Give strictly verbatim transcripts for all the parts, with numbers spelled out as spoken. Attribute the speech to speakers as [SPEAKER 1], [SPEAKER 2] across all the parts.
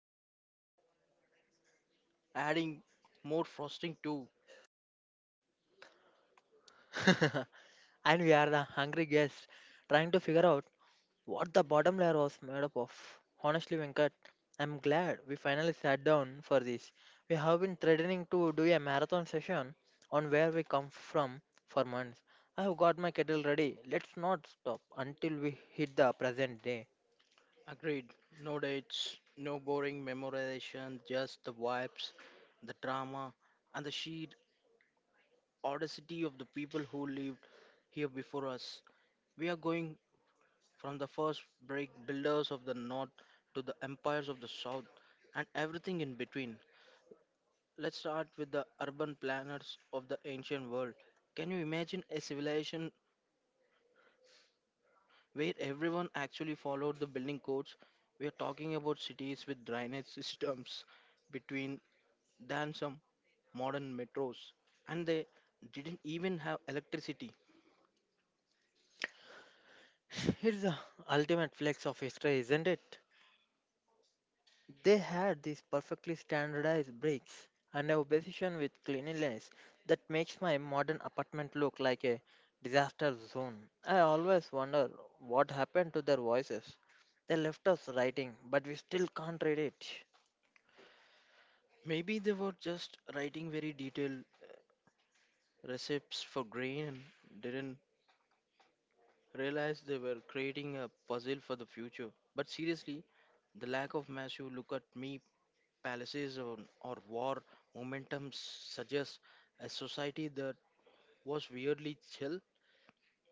[SPEAKER 1] keeps adding more frosting to.
[SPEAKER 2] And we are the hungry guests trying to figure out what the bottom layer was made up of. Honestly, Venkat, I'm glad we finally sat down for this. We have been threatening to do a marathon session on where we come from for months. I have got my kettle ready. Let's not stop until we hit the present day.
[SPEAKER 1] Agreed. No dates, no boring memorization, just the vibes, the drama, and the sheer audacity of the people who lived here before us. We are going from the first brick builders of the north to the empires of the south and everything in between. Let's start with the urban planners of the ancient world. Can you imagine a civilization where everyone actually followed the building codes? We are talking about cities with drainage systems between than some modern metros. And they didn't even have electricity.
[SPEAKER 2] It's the ultimate flex of history, isn't it? They had these perfectly standardized bricks and a obsession with cleanliness that makes my modern apartment look like a disaster zone. I always wonder what happened to their voices. They left us writing, but we still can't read it.
[SPEAKER 1] Maybe they were just writing very detailed recipes for grain and didn't realized they were creating a puzzle for the future. But seriously, the lack of massive look at me palaces or, or war momentum suggests a society that was weirdly chill.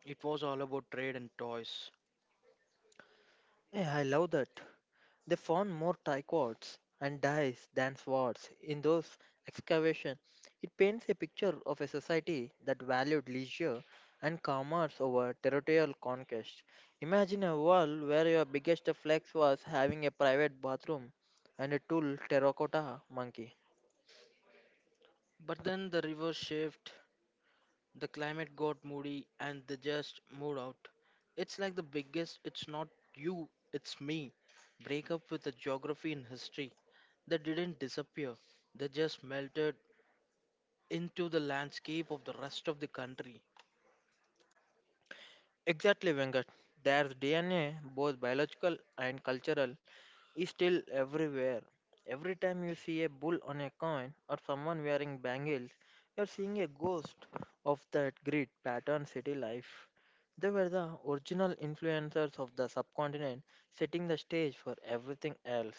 [SPEAKER 1] It was all about trade and toys.
[SPEAKER 2] Yeah, I love that. They found more trichomes and dies than swords in those excavations. It paints a picture of a society that valued leisure and commerce over territorial conquest. Imagine a world where your biggest flex was having a private bathroom and a tool terracotta monkey.
[SPEAKER 1] But then the river shift, the climate got moody, and they just moved out. It's like the biggest, it's not you, it's me. Break up with the geography and history. They didn't disappear, they just melted into the landscape of the rest of the country.
[SPEAKER 2] Exactly, Venkat. Their D N A, both biological and cultural, is still everywhere. Every time you see a bull on a coin or someone wearing bangles, you're seeing a ghost of that grid pattern city life. They were the original influencers of the subcontinent, setting the stage for everything else.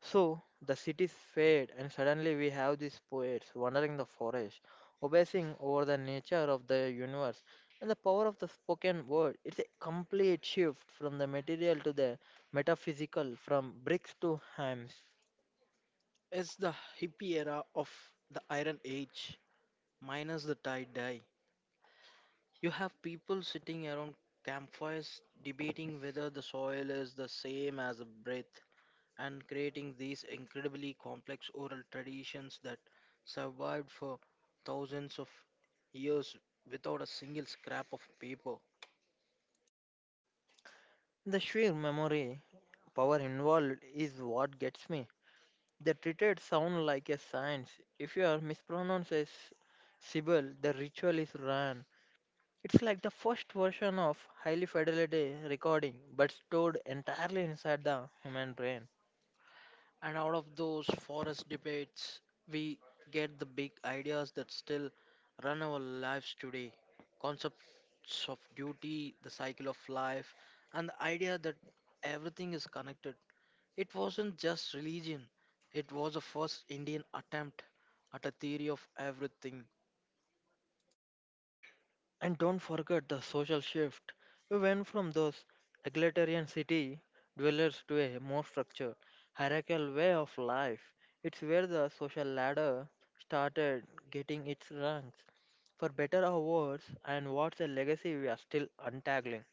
[SPEAKER 2] So the cities fade, and suddenly we have these poets wandering the forest, obsessing over the nature of the universe and the power of the spoken word. It's a complete shift from the material to the metaphysical, from bricks to hams.
[SPEAKER 1] It's the hippie era of the Iron Age, minus the tie dye. You have people sitting around campfires debating whether the soil is the same as the breath and creating these incredibly complex oral traditions that survived for thousands of years without a single scrap of paper.
[SPEAKER 2] The sheer memory power involved is what gets me. They treated sound like a science. If you are mispronounces syllable, the ritual is run. It's like the first version of highly fidelity recording, but stored entirely inside the human brain.
[SPEAKER 1] And out of those forest debates, we get the big ideas that still run our lives today, concepts of duty, the cycle of life, and the idea that everything is connected. It wasn't just religion, it was a first Indian attempt at a theory of everything.
[SPEAKER 2] And don't forget the social shift. We went from those egalitarian city dwellers to a more structured, hierarchical way of life. It's where the social ladder started getting its rungs. For better or worse, and what's a legacy we are still untangling.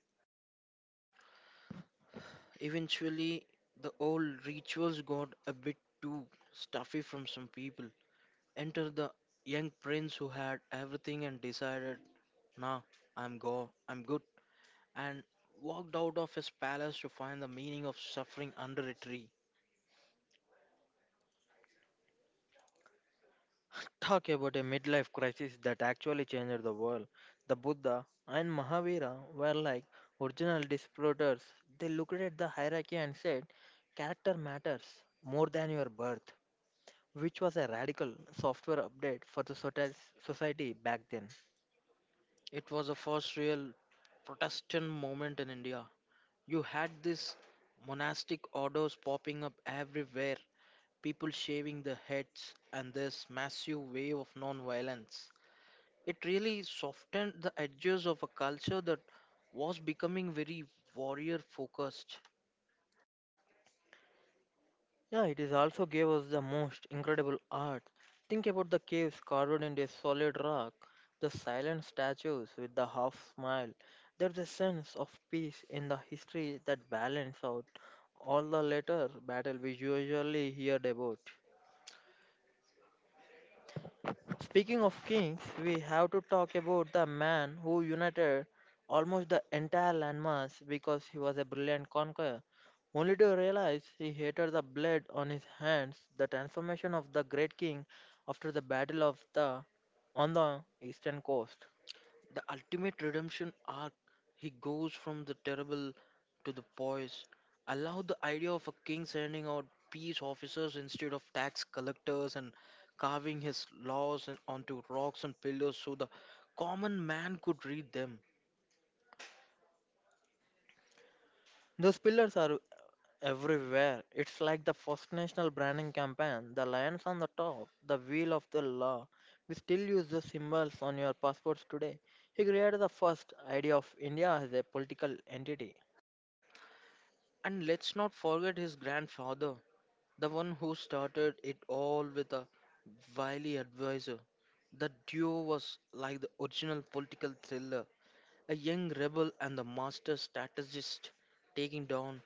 [SPEAKER 1] Eventually, the old rituals got a bit too stuffy from some people. Enter the young prince who had everything and decided, "Nah, I'm go I'm good," and walked out of his palace to find the meaning of suffering under a tree.
[SPEAKER 2] Talk about a midlife crisis that actually changed the world. The Buddha and Mahavira were like original disruptors. They looked at the hierarchy and said, character matters more than your birth, which was a radical software update for the soci- society back then.
[SPEAKER 1] It was the first real Protestant moment in India. You had these monastic orders popping up everywhere, people shaving their heads, and this massive wave of non-violence. It really softened the edges of a culture that was becoming very warrior focused.
[SPEAKER 2] Yeah, it is also gave us the most incredible art. Think about the caves carved into a solid rock, the silent statues with the half smile. There's a sense of peace in the history that balances out all the later battle we usually heard about. Speaking of kings, we have to talk about the man who united almost the entire landmass because he was a brilliant conqueror, only to realize he hated the blood on his hands. The transformation of the great king after the battle of the on the eastern coast.
[SPEAKER 1] The ultimate redemption arc, he goes from the terrible to the poise. I love the idea of a king sending out peace officers instead of tax collectors and carving his laws in- onto rocks and pillars so the common man could read them.
[SPEAKER 2] Those pillars are everywhere. It's like the first national branding campaign, the lions on the top, the wheel of the law. We still use the symbols on your passports today. He created the first idea of India as a political entity.
[SPEAKER 1] And let's not forget his grandfather, the one who started it all with a wily advisor. The duo was like the original political thriller: a young rebel and the master strategist taking down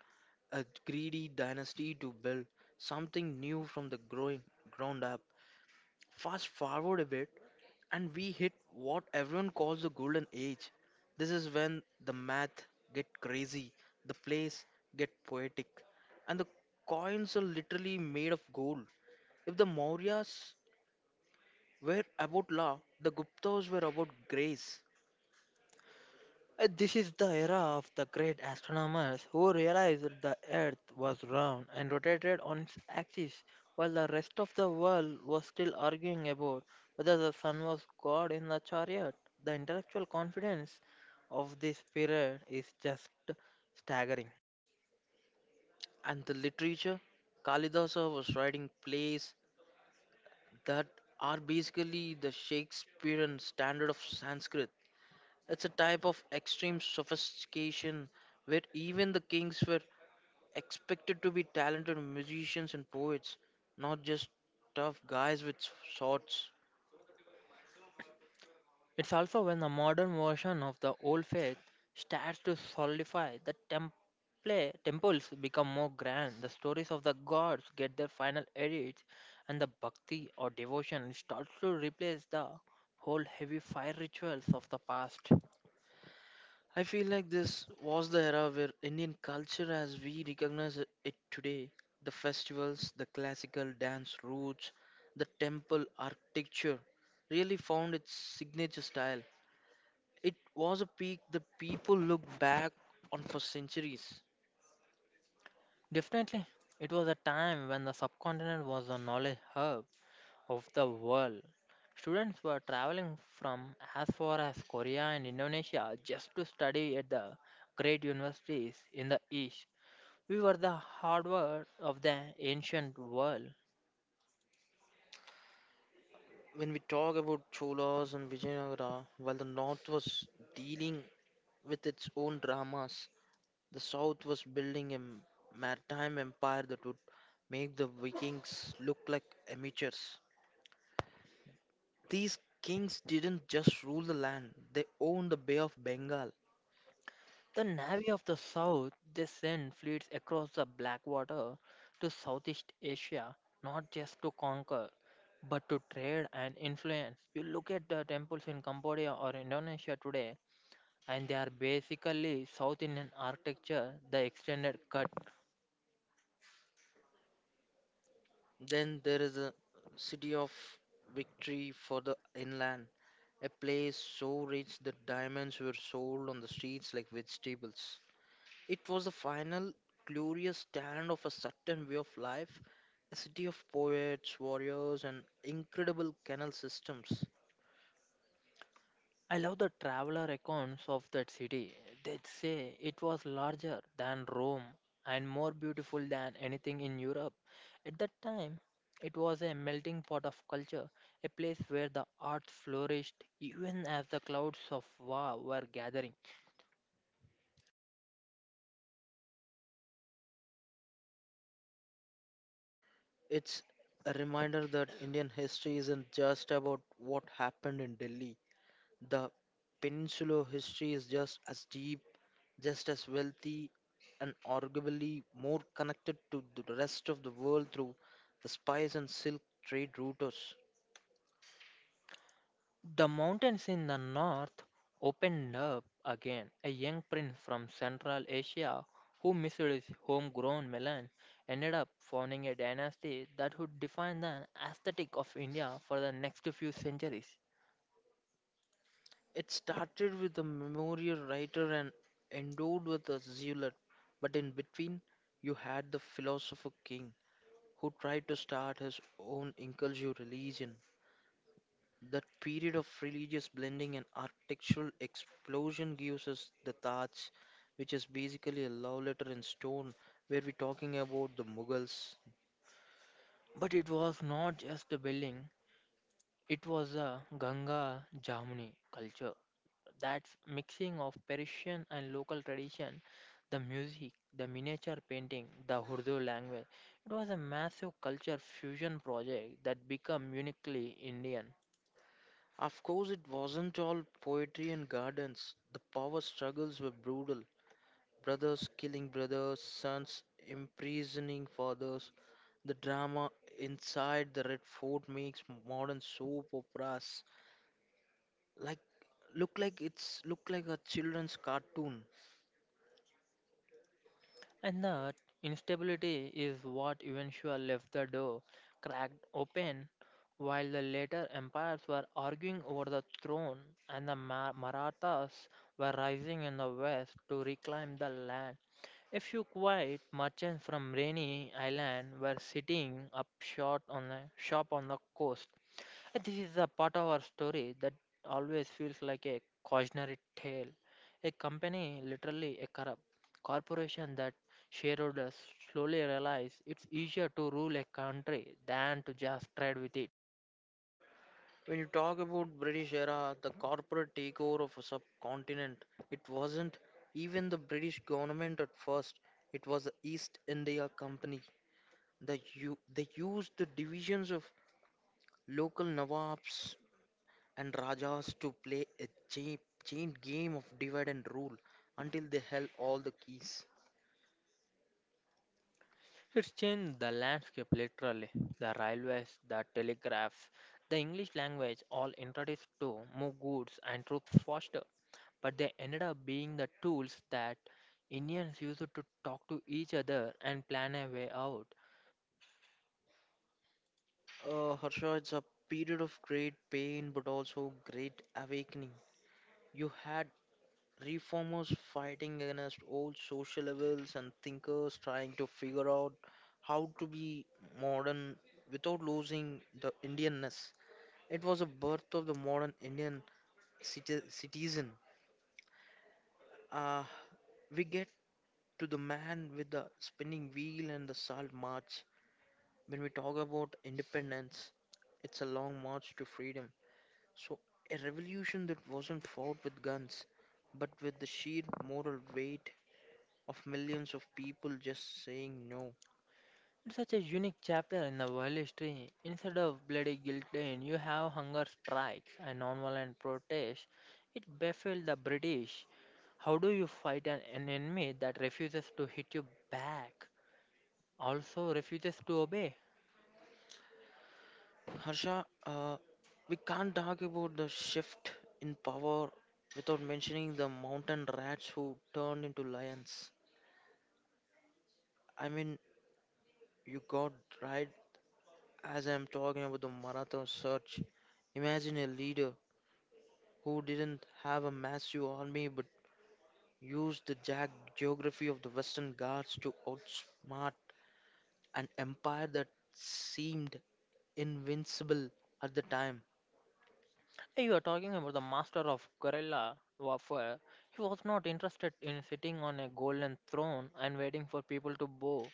[SPEAKER 1] a greedy dynasty to build something new from the growing ground up. Fast forward a bit and we hit what everyone calls the golden age. This is when the math get crazy, the plays get poetic, and the coins are literally made of gold. If the Mauryas were about law, the Guptas were about grace.
[SPEAKER 2] Uh, This is the era of the great astronomers who realized that the Earth was round and rotated on its axis, while the rest of the world was still arguing about whether the sun was God in the chariot. The intellectual confidence of this period is just staggering.
[SPEAKER 1] And the literature, Kalidasa was writing plays that are basically the Shakespearean standard of Sanskrit. It's a type of extreme sophistication where even the kings were expected to be talented musicians and poets, not just tough guys with swords.
[SPEAKER 2] It's also when the modern version of the old faith starts to solidify, the temple, temples become more grand, the stories of the gods get their final edits, and the bhakti or devotion starts to replace the whole heavy fire rituals of the past.
[SPEAKER 1] I feel like this was the era where Indian culture as we recognize it today, the festivals, the classical dance roots, the temple architecture, really found its signature style. It was a peak the people look back on for centuries.
[SPEAKER 2] Definitely, it was a time when the subcontinent was a knowledge hub of the world. Students were traveling from as far as Korea and Indonesia just to study at the great universities in the East. We were the Harvard of the ancient world.
[SPEAKER 1] When we talk about Cholas and Vijayanagara, while the north was dealing with its own dramas, the South was building a maritime empire that would make the Vikings look like amateurs. These kings didn't just rule the land, they owned the Bay of Bengal.
[SPEAKER 2] The Navy of the South, they sent fleets across the Black Water to Southeast Asia, not just to conquer, but to trade and influence. You look at the temples in Cambodia or Indonesia today, and they are basically South Indian architecture, the extended cut.
[SPEAKER 1] Then there is a city of victory for the inland, a place so rich that diamonds were sold on the streets like vegetables. It was the final glorious stand of a certain way of life, a city of poets, warriors, and incredible canal systems.
[SPEAKER 2] I love the traveler accounts of that city. They say it was larger than Rome and more beautiful than anything in Europe. At that time, it was a melting pot of culture, a place where the arts flourished even as the clouds of war were gathering.
[SPEAKER 1] It's a reminder that Indian history isn't just about what happened in Delhi. The peninsular history is just as deep, just as wealthy, and arguably more connected to the rest of the world through the spice and silk trade routes.
[SPEAKER 2] The mountains in the north opened up again. A young prince from Central Asia who missed his homegrown melon ended up founding a dynasty that would define the aesthetic of India for the next few centuries.
[SPEAKER 1] It started with a memorial writer and endowed with a zealot, but in between, you had the philosopher king who tried to start his own inclusive religion. That period of religious blending and architectural explosion gives us the Taj, which is basically a love letter in stone, where we're talking about the Mughals.
[SPEAKER 2] But it was not just a building, it was a Ganga Jamuni culture. That mixing of Persian and local tradition, the music, the miniature painting, the Urdu language. It was a massive culture fusion project that became uniquely Indian.
[SPEAKER 1] Of course, it wasn't all poetry and gardens. The power struggles were brutal. Brothers killing brothers, sons imprisoning fathers. The drama inside the Red Fort makes modern soap operas like look like it's look like a children's cartoon.
[SPEAKER 2] And that instability is what eventually left the door cracked open while the later empires were arguing over the throne and the Ma- Marathas were rising in the west to reclaim the land. A few quiet merchants from Rainy Island were sitting up short on a shop on the coast. And this is a part of our story that always feels like a cautionary tale. A company, literally a corrupt corporation, that shareholders slowly realize it's easier to rule a country than to just trade with it.
[SPEAKER 1] When you talk about British era, the corporate takeover of a subcontinent, it wasn't even the British government at first. It was the East India Company. The u- they used the divisions of local Nawabs and Rajas to play a cha- chain game of divide and rule until they held all the keys.
[SPEAKER 2] It's changed the landscape literally. The railways, the telegraphs, the English language all introduced to move goods and troops faster, but they ended up being the tools that Indians used to talk to each other and plan a way out.
[SPEAKER 1] Uh, Harsha, it's a period of great pain but also great awakening. You had reformers fighting against old social levels and thinkers trying to figure out how to be modern without losing the Indianness. It was a birth of the modern Indian citi- citizen. Uh, we get to the man with the spinning wheel and the salt march. When we talk about independence, it's a long march to freedom. So, a revolution that wasn't fought with guns, but with the sheer moral weight of millions of people just saying no.
[SPEAKER 2] It's such a unique chapter in the world history. Instead of bloody guillotine, you have hunger strikes and nonviolent protests. It befuddled the British. How do you fight an an enemy that refuses to hit you back, also refuses to obey?
[SPEAKER 1] Harsha, uh, we can't talk about the shift in power without mentioning the mountain rats who turned into lions. I mean, you got right as I'm talking about the Maratha surge. Imagine a leader who didn't have a massive army but used the jagged geography of the Western Ghats to outsmart an empire that seemed invincible at the time.
[SPEAKER 2] Hey, you are talking about the master of guerrilla warfare. He was not interested in sitting on a golden throne and waiting for people to bow.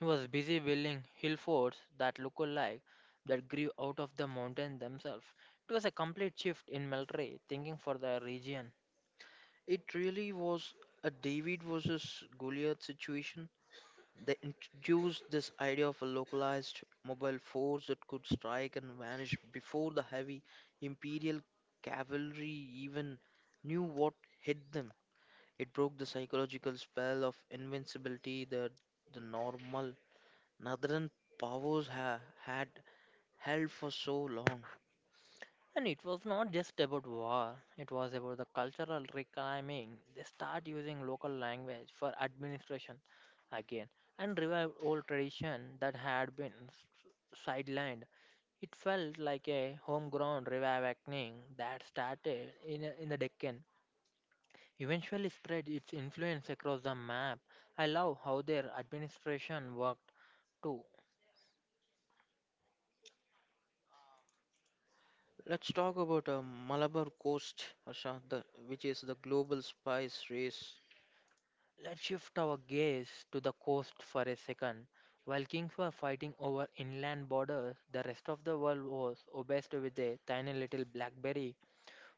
[SPEAKER 2] He was busy building hill forts that looked alike, that grew out of the mountains themselves. It was a complete shift in military thinking for the region.
[SPEAKER 1] It really was a David versus Goliath situation. They introduced this idea of a localized mobile force that could strike and vanish before the heavy imperial cavalry even knew what hit them. It broke the psychological spell of invincibility that the normal northern powers ha- had held for so long.
[SPEAKER 2] And it was not just about war, it was about the cultural reclaiming. They start using local language for administration again and revived old tradition that had been s- sidelined It felt like a homegrown revival reawakening that started in, in the Deccan, eventually spread its influence across the map. I love how their administration worked too.
[SPEAKER 1] Let's talk about a Malabar coast, Asha, the, which is the global spice race.
[SPEAKER 2] Let's shift our gaze to the coast for a second. While kings were fighting over inland borders, the rest of the world was obsessed with a tiny little blackberry.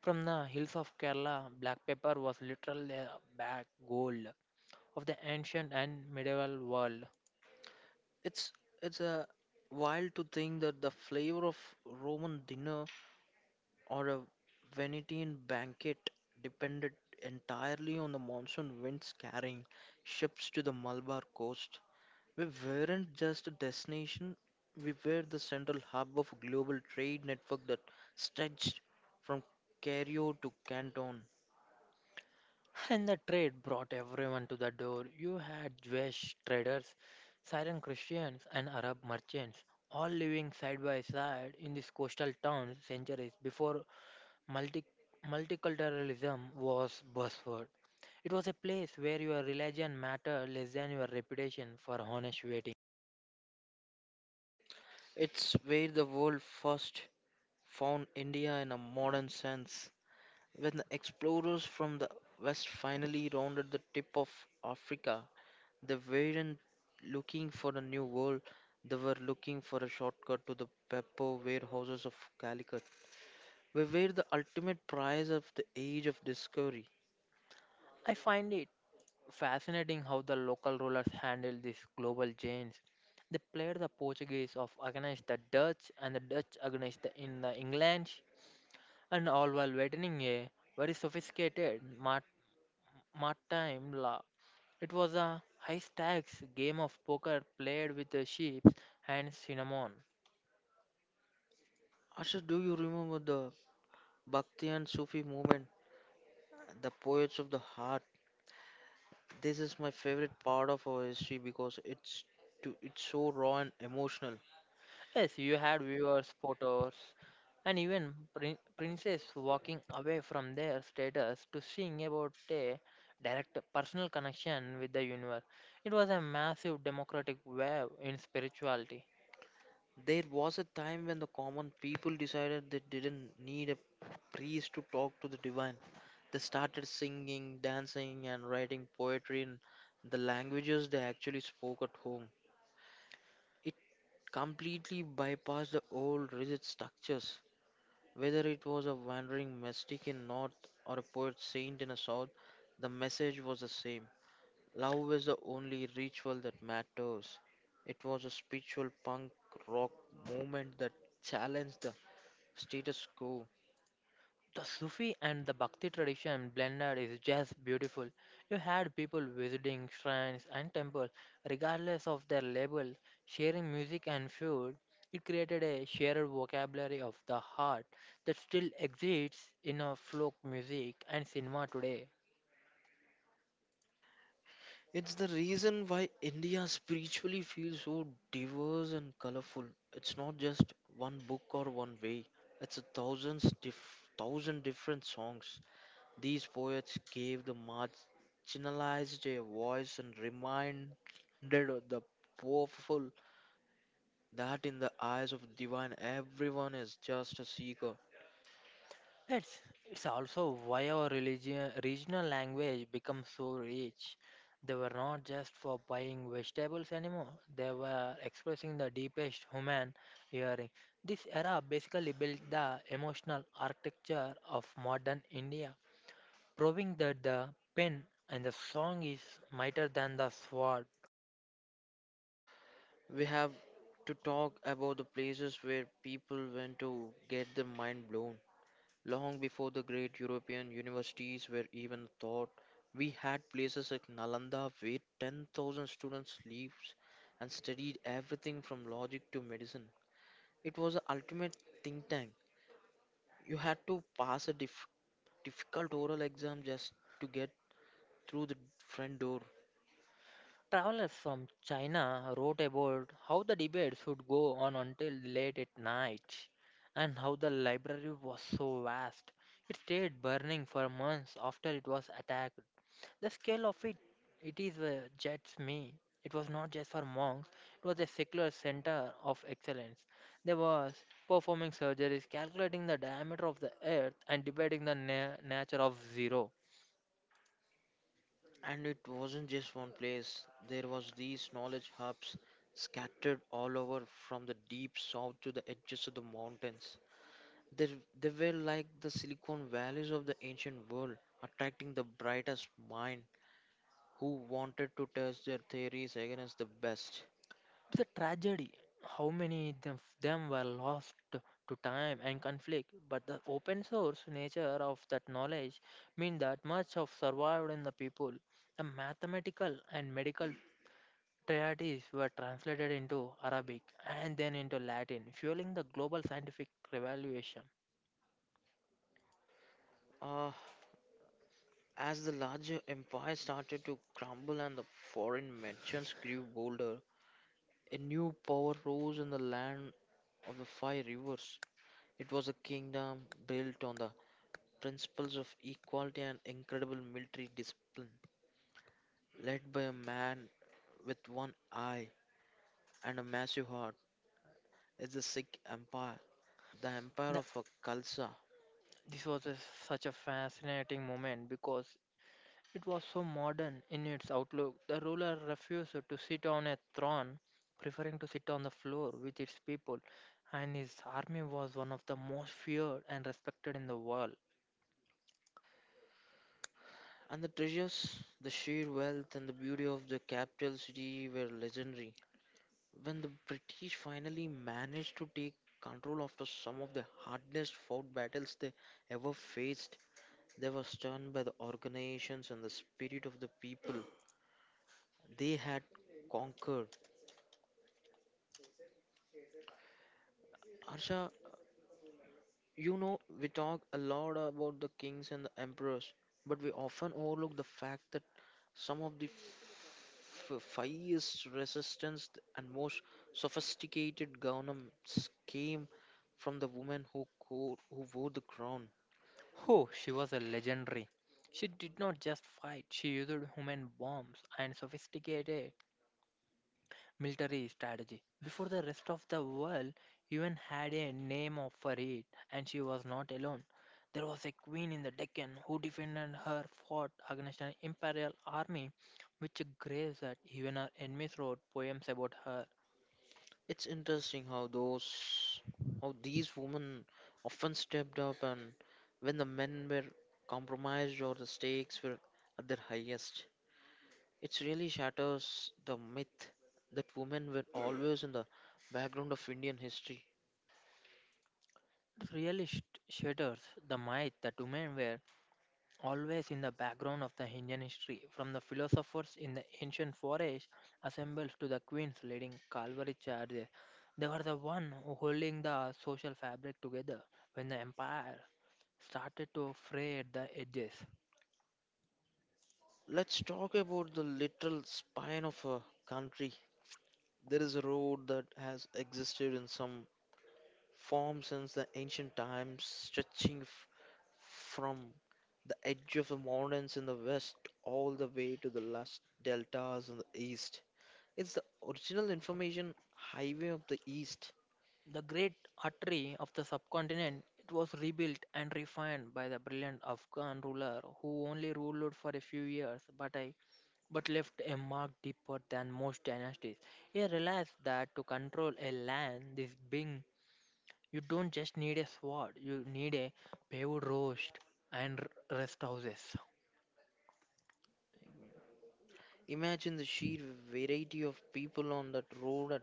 [SPEAKER 2] From the hills of Kerala, black pepper was literally a bag gold of the ancient and medieval world.
[SPEAKER 1] It's it's a wild to think that the flavor of Roman dinner or a Venetian banquet depended entirely on the monsoon winds carrying ships to the Malabar coast. We weren't just a destination, we were the central hub of a global trade network that stretched from Cairo to Canton.
[SPEAKER 2] And the trade brought everyone to the door. You had Jewish traders, Syrian Christians, and Arab merchants, all living side by side in these coastal towns centuries before multi- multiculturalism was buzzword. It was a place where your religion mattered less than your reputation for honest waiting.
[SPEAKER 1] It's where the world first found India in a modern sense. When the explorers from the west finally rounded the tip of Africa, they weren't looking for a new world, they were looking for a shortcut to the Beppo warehouses of Calicut. We were the ultimate prize of the age of discovery.
[SPEAKER 2] I find it fascinating how the local rulers handled these global change. They played the Portuguese off against the Dutch and the Dutch against the, in the England, and all while waiting a very sophisticated mart, mart time law. It was a high stakes game of poker played with the sheep and cinnamon.
[SPEAKER 1] Asha, do you remember the Bhakti and Sufi movement, the poets of the heart? This is my favorite part of our history because it's to, it's so raw and emotional.
[SPEAKER 2] Yes, you had viewers, photos, and even prin- princess walking away from their status to sing about a direct personal connection with the universe. It was a massive democratic wave in spirituality.
[SPEAKER 1] There was a time when the common people decided they didn't need a priest to talk to the divine. They started singing, dancing, and writing poetry in the languages they actually spoke at home. It completely bypassed the old rigid structures. Whether it was a wandering mystic in North or a poet saint in the South, the message was the same. Love is the only ritual that matters. It was a spiritual punk rock movement that challenged the status quo.
[SPEAKER 2] The Sufi and the Bhakti tradition blended is just beautiful. You had people visiting shrines and temples, regardless of their label, sharing music and food. It created a shared vocabulary of the heart that still exists in our folk music and cinema today.
[SPEAKER 1] It's the reason why India spiritually feels so diverse and colorful. It's not just one book or one way. It's a thousands diff- thousand different songs. These poets gave the marginalized a voice and reminded the powerful that in the eyes of divine everyone is just a seeker.
[SPEAKER 2] It's it's also why our religion regional language becomes so rich. They were not just for buying vegetables anymore. They were expressing the deepest human yearning. This era basically built the emotional architecture of modern India, proving that the pen and the song is mightier than the sword.
[SPEAKER 1] We have to talk about the places where people went to get their mind blown. Long before the great European universities were even thought, we had places like Nalanda where ten thousand students lived and studied everything from logic to medicine. It was the ultimate think tank. You had to pass a dif- difficult oral exam just to get through the front door.
[SPEAKER 2] Travelers from China wrote about how the debate should go on until late at night and how the library was so vast. It stayed burning for months after it was attacked. The scale of it, it is uh, jets me. It was not just for monks, it was a secular center of excellence. There was performing surgeries, calculating the diameter of the earth, and debating the na- nature of zero.
[SPEAKER 1] And it wasn't just one place. There was these knowledge hubs scattered all over from the deep south to the edges of the mountains. They, they were like the Silicon Valleys of the ancient world, attracting the brightest mind who wanted to test their theories against the best.
[SPEAKER 2] It's a tragedy how many of them were lost to time and conflict, but the open source nature of that knowledge means that much of survived in the people. The mathematical and medical treatises were translated into Arabic and then into Latin, fueling the global scientific revolution.
[SPEAKER 1] Uh, as the larger empire started to crumble and the foreign merchants grew bolder, a new power rose in the land of the five rivers. It was a kingdom built on the principles of equality and incredible military discipline, led by a man with one eye and a massive heart. Is the Sikh Empire, the empire
[SPEAKER 2] The
[SPEAKER 1] of uh, Khalsa.
[SPEAKER 2] this was a, such a fascinating moment because it was so modern in its outlook. The ruler refused to sit on a throne, preferring to sit on the floor with its people, and his army was one of the most feared and respected in the world.
[SPEAKER 1] And the treasures, the sheer wealth and the beauty of the capital city were legendary. When the British finally managed to take control after some of the hardest fought battles they ever faced, they were stunned by the organizations and the spirit of the people they had conquered. Harsha, you know, we talk a lot about the kings and the emperors, but we often overlook the fact that some of the f- fiercest resistance and most sophisticated governments came from the women who, co- who wore the crown.
[SPEAKER 2] Oh, she was a legendary. She did not just fight, she used human bombs and sophisticated military strategy. Before the rest of the world even had a name of- for it, and she was not alone. There was a queen in the Deccan who defended her fort against an imperial army, which grieves that even her enemies wrote poems about her.
[SPEAKER 1] It's interesting how those how these women often stepped up and when the men were compromised or the stakes were at their highest. It really shatters the myth that women were always in the background of Indian history.
[SPEAKER 2] It really sh- shatters the myth that women were always in the background of the Indian history, from the philosophers in the ancient forest assembles to the queens leading cavalry charges. They were the one who holding the social fabric together when the empire started to fray at the edges.
[SPEAKER 1] Let's talk about the literal spine of a country. There is a road that has existed in some form since the ancient times, stretching f- from the edge of the mountains in the west all the way to the last deltas in the east. It's the original information highway of the east.
[SPEAKER 2] The great Atri of the subcontinent, it was rebuilt and refined by the brilliant Afghan ruler who only ruled for a few years but, I, but left a mark deeper than most dynasties. He realized that to control a land this big, you don't just need a sword, you need a paved roast and r- rest houses.
[SPEAKER 1] Imagine the sheer variety of people on that road at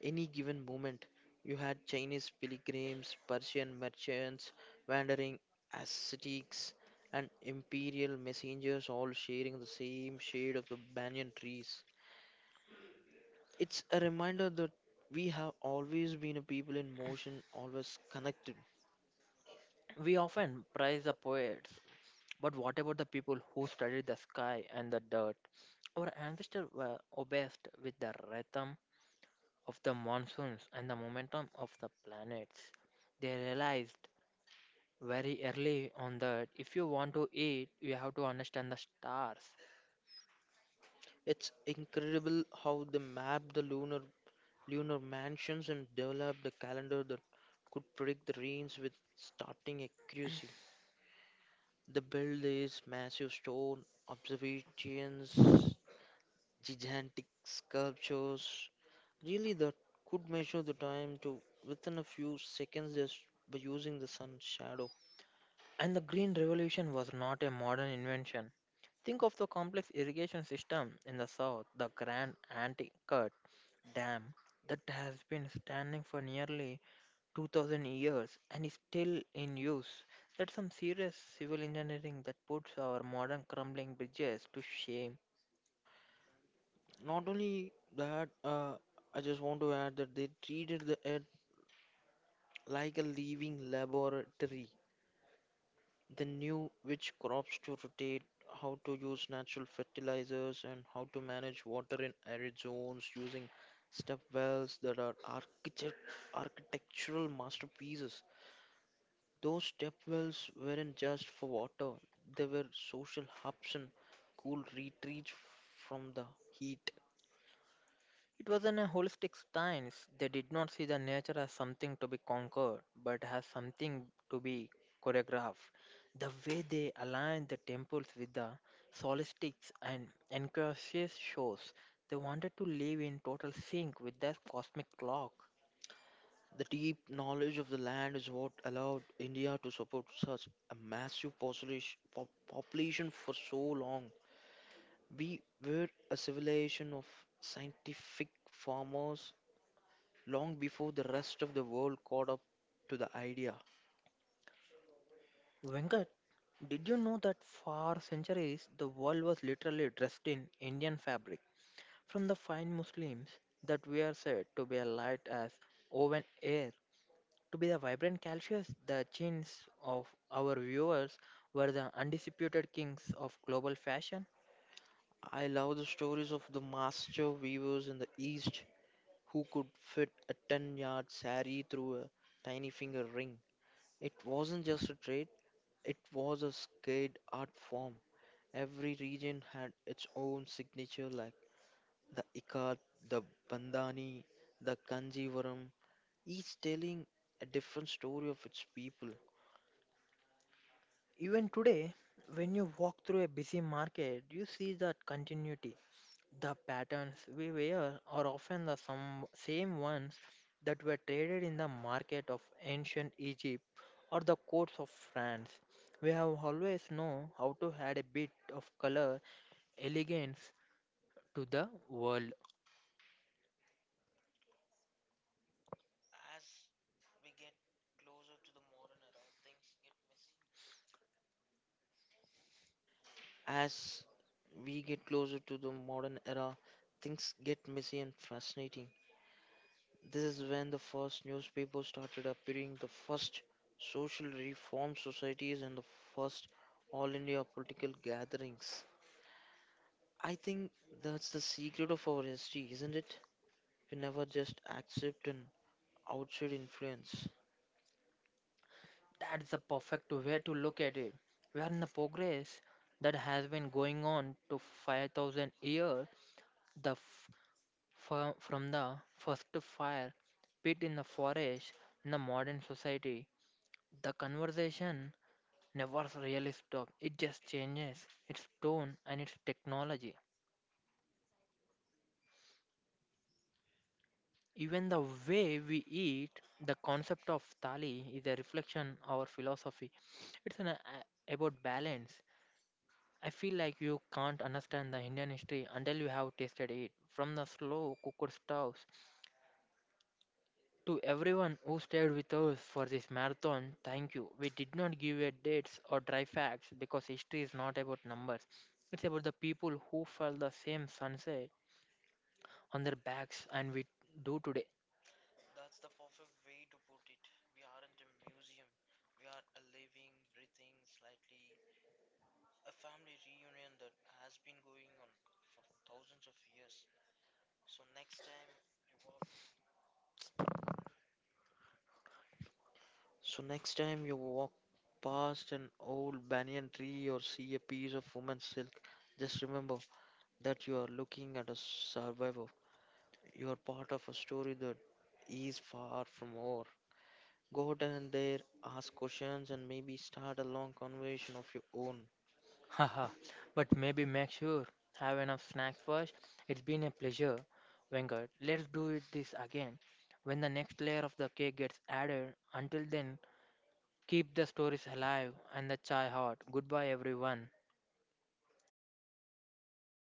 [SPEAKER 1] any given moment. You had Chinese pilgrims, Persian merchants, wandering ascetics, and imperial messengers all sharing the same shade of the banyan trees. It's a reminder that we have always been a people in motion, always connected.
[SPEAKER 2] We often praise the poets, but what about the people who studied the sky and the dirt? Our ancestors were obsessed with the rhythm of the monsoons and the momentum of the planets. They realized very early on that if you want to eat, you have to understand the stars.
[SPEAKER 1] It's incredible how they map the lunar lunar mansions and developed a calendar that could predict the rains with startling accuracy. They built these massive stone observations, gigantic sculptures, really, that could measure the time to within a few seconds just by using the sun's shadow.
[SPEAKER 2] And the Green Revolution was not a modern invention. Think of the complex irrigation system in the south, the Grand Anticut Dam that has been standing for nearly two thousand years and is still in use. That's some serious civil engineering that puts our modern crumbling bridges to shame.
[SPEAKER 1] Not only that, uh, I just want to add that they treated the earth like a living laboratory. They knew which crops to rotate, how to use natural fertilizers, and how to manage water in arid zones using step wells that are architect- architectural masterpieces. Those step wells weren't just for water, they were social hubs and cool retreats from the heat.
[SPEAKER 2] It was an a holistic stance. They did not see the nature as something to be conquered, but as something to be choreographed. The way they aligned the temples with the solstices and Ancacius shows, they wanted to live in total sync with the cosmic clock.
[SPEAKER 1] The deep knowledge of the land is what allowed India to support such a massive population, pop- population for so long. We were a civilization of scientific farmers long before the rest of the world caught up to the idea.
[SPEAKER 2] Venkat, did you know that for centuries the world was literally dressed in Indian fabric? From the fine Muslims that we are said to be a light as woven air to be the vibrant calcius, the chins of our viewers were the undisputed kings of global fashion.
[SPEAKER 1] I love the stories of the master weavers in the East who could fit a ten yard sari through a tiny finger ring. It wasn't just a trade, it was a skilled art form. Every region had its own signature, like the ikat, the bandhani, the kanjivaram, each telling a different story of its people.
[SPEAKER 2] Even today, when you walk through a busy market, you see that continuity. The patterns we wear are often the some, same ones that were traded in the market of ancient Egypt or the courts of France. We have always known how to add a bit of color, elegance to the world.
[SPEAKER 1] As we get closer to the modern era, things get messy and fascinating. This is when the first newspapers started appearing, the first social reform societies, and the first all India political gatherings. I think that's the secret of our history, isn't it? We never just accept an outside influence.
[SPEAKER 2] That's the perfect way to look at it. We are in the progress that has been going on to five thousand years. The f- fir- from the first fire pit in the forest in the modern society, the conversation never really stops. It just changes its tone and its technology. Even the way we eat, the concept of thali is a reflection of our philosophy. It's an, a- about balance. I feel like you can't understand the Indian history until you have tasted it. From the slow cooked stoves to everyone who stayed with us for this marathon, thank you. We did not give you dates or dry facts because history is not about numbers. It's about the people who felt the same sunset on their backs and we do today.
[SPEAKER 1] So next time you walk past an old banyan tree or see a piece of woman's silk, just remember that you are looking at a survivor. You are part of a story that is far from over. Go down there, ask questions, and maybe start a long conversation of your own.
[SPEAKER 2] Haha, but maybe make sure have enough snacks first. It's been a pleasure, Venkat. Let's do it this again when the next layer of the cake gets added. Until then, keep the stories alive and the chai hot. Goodbye, everyone.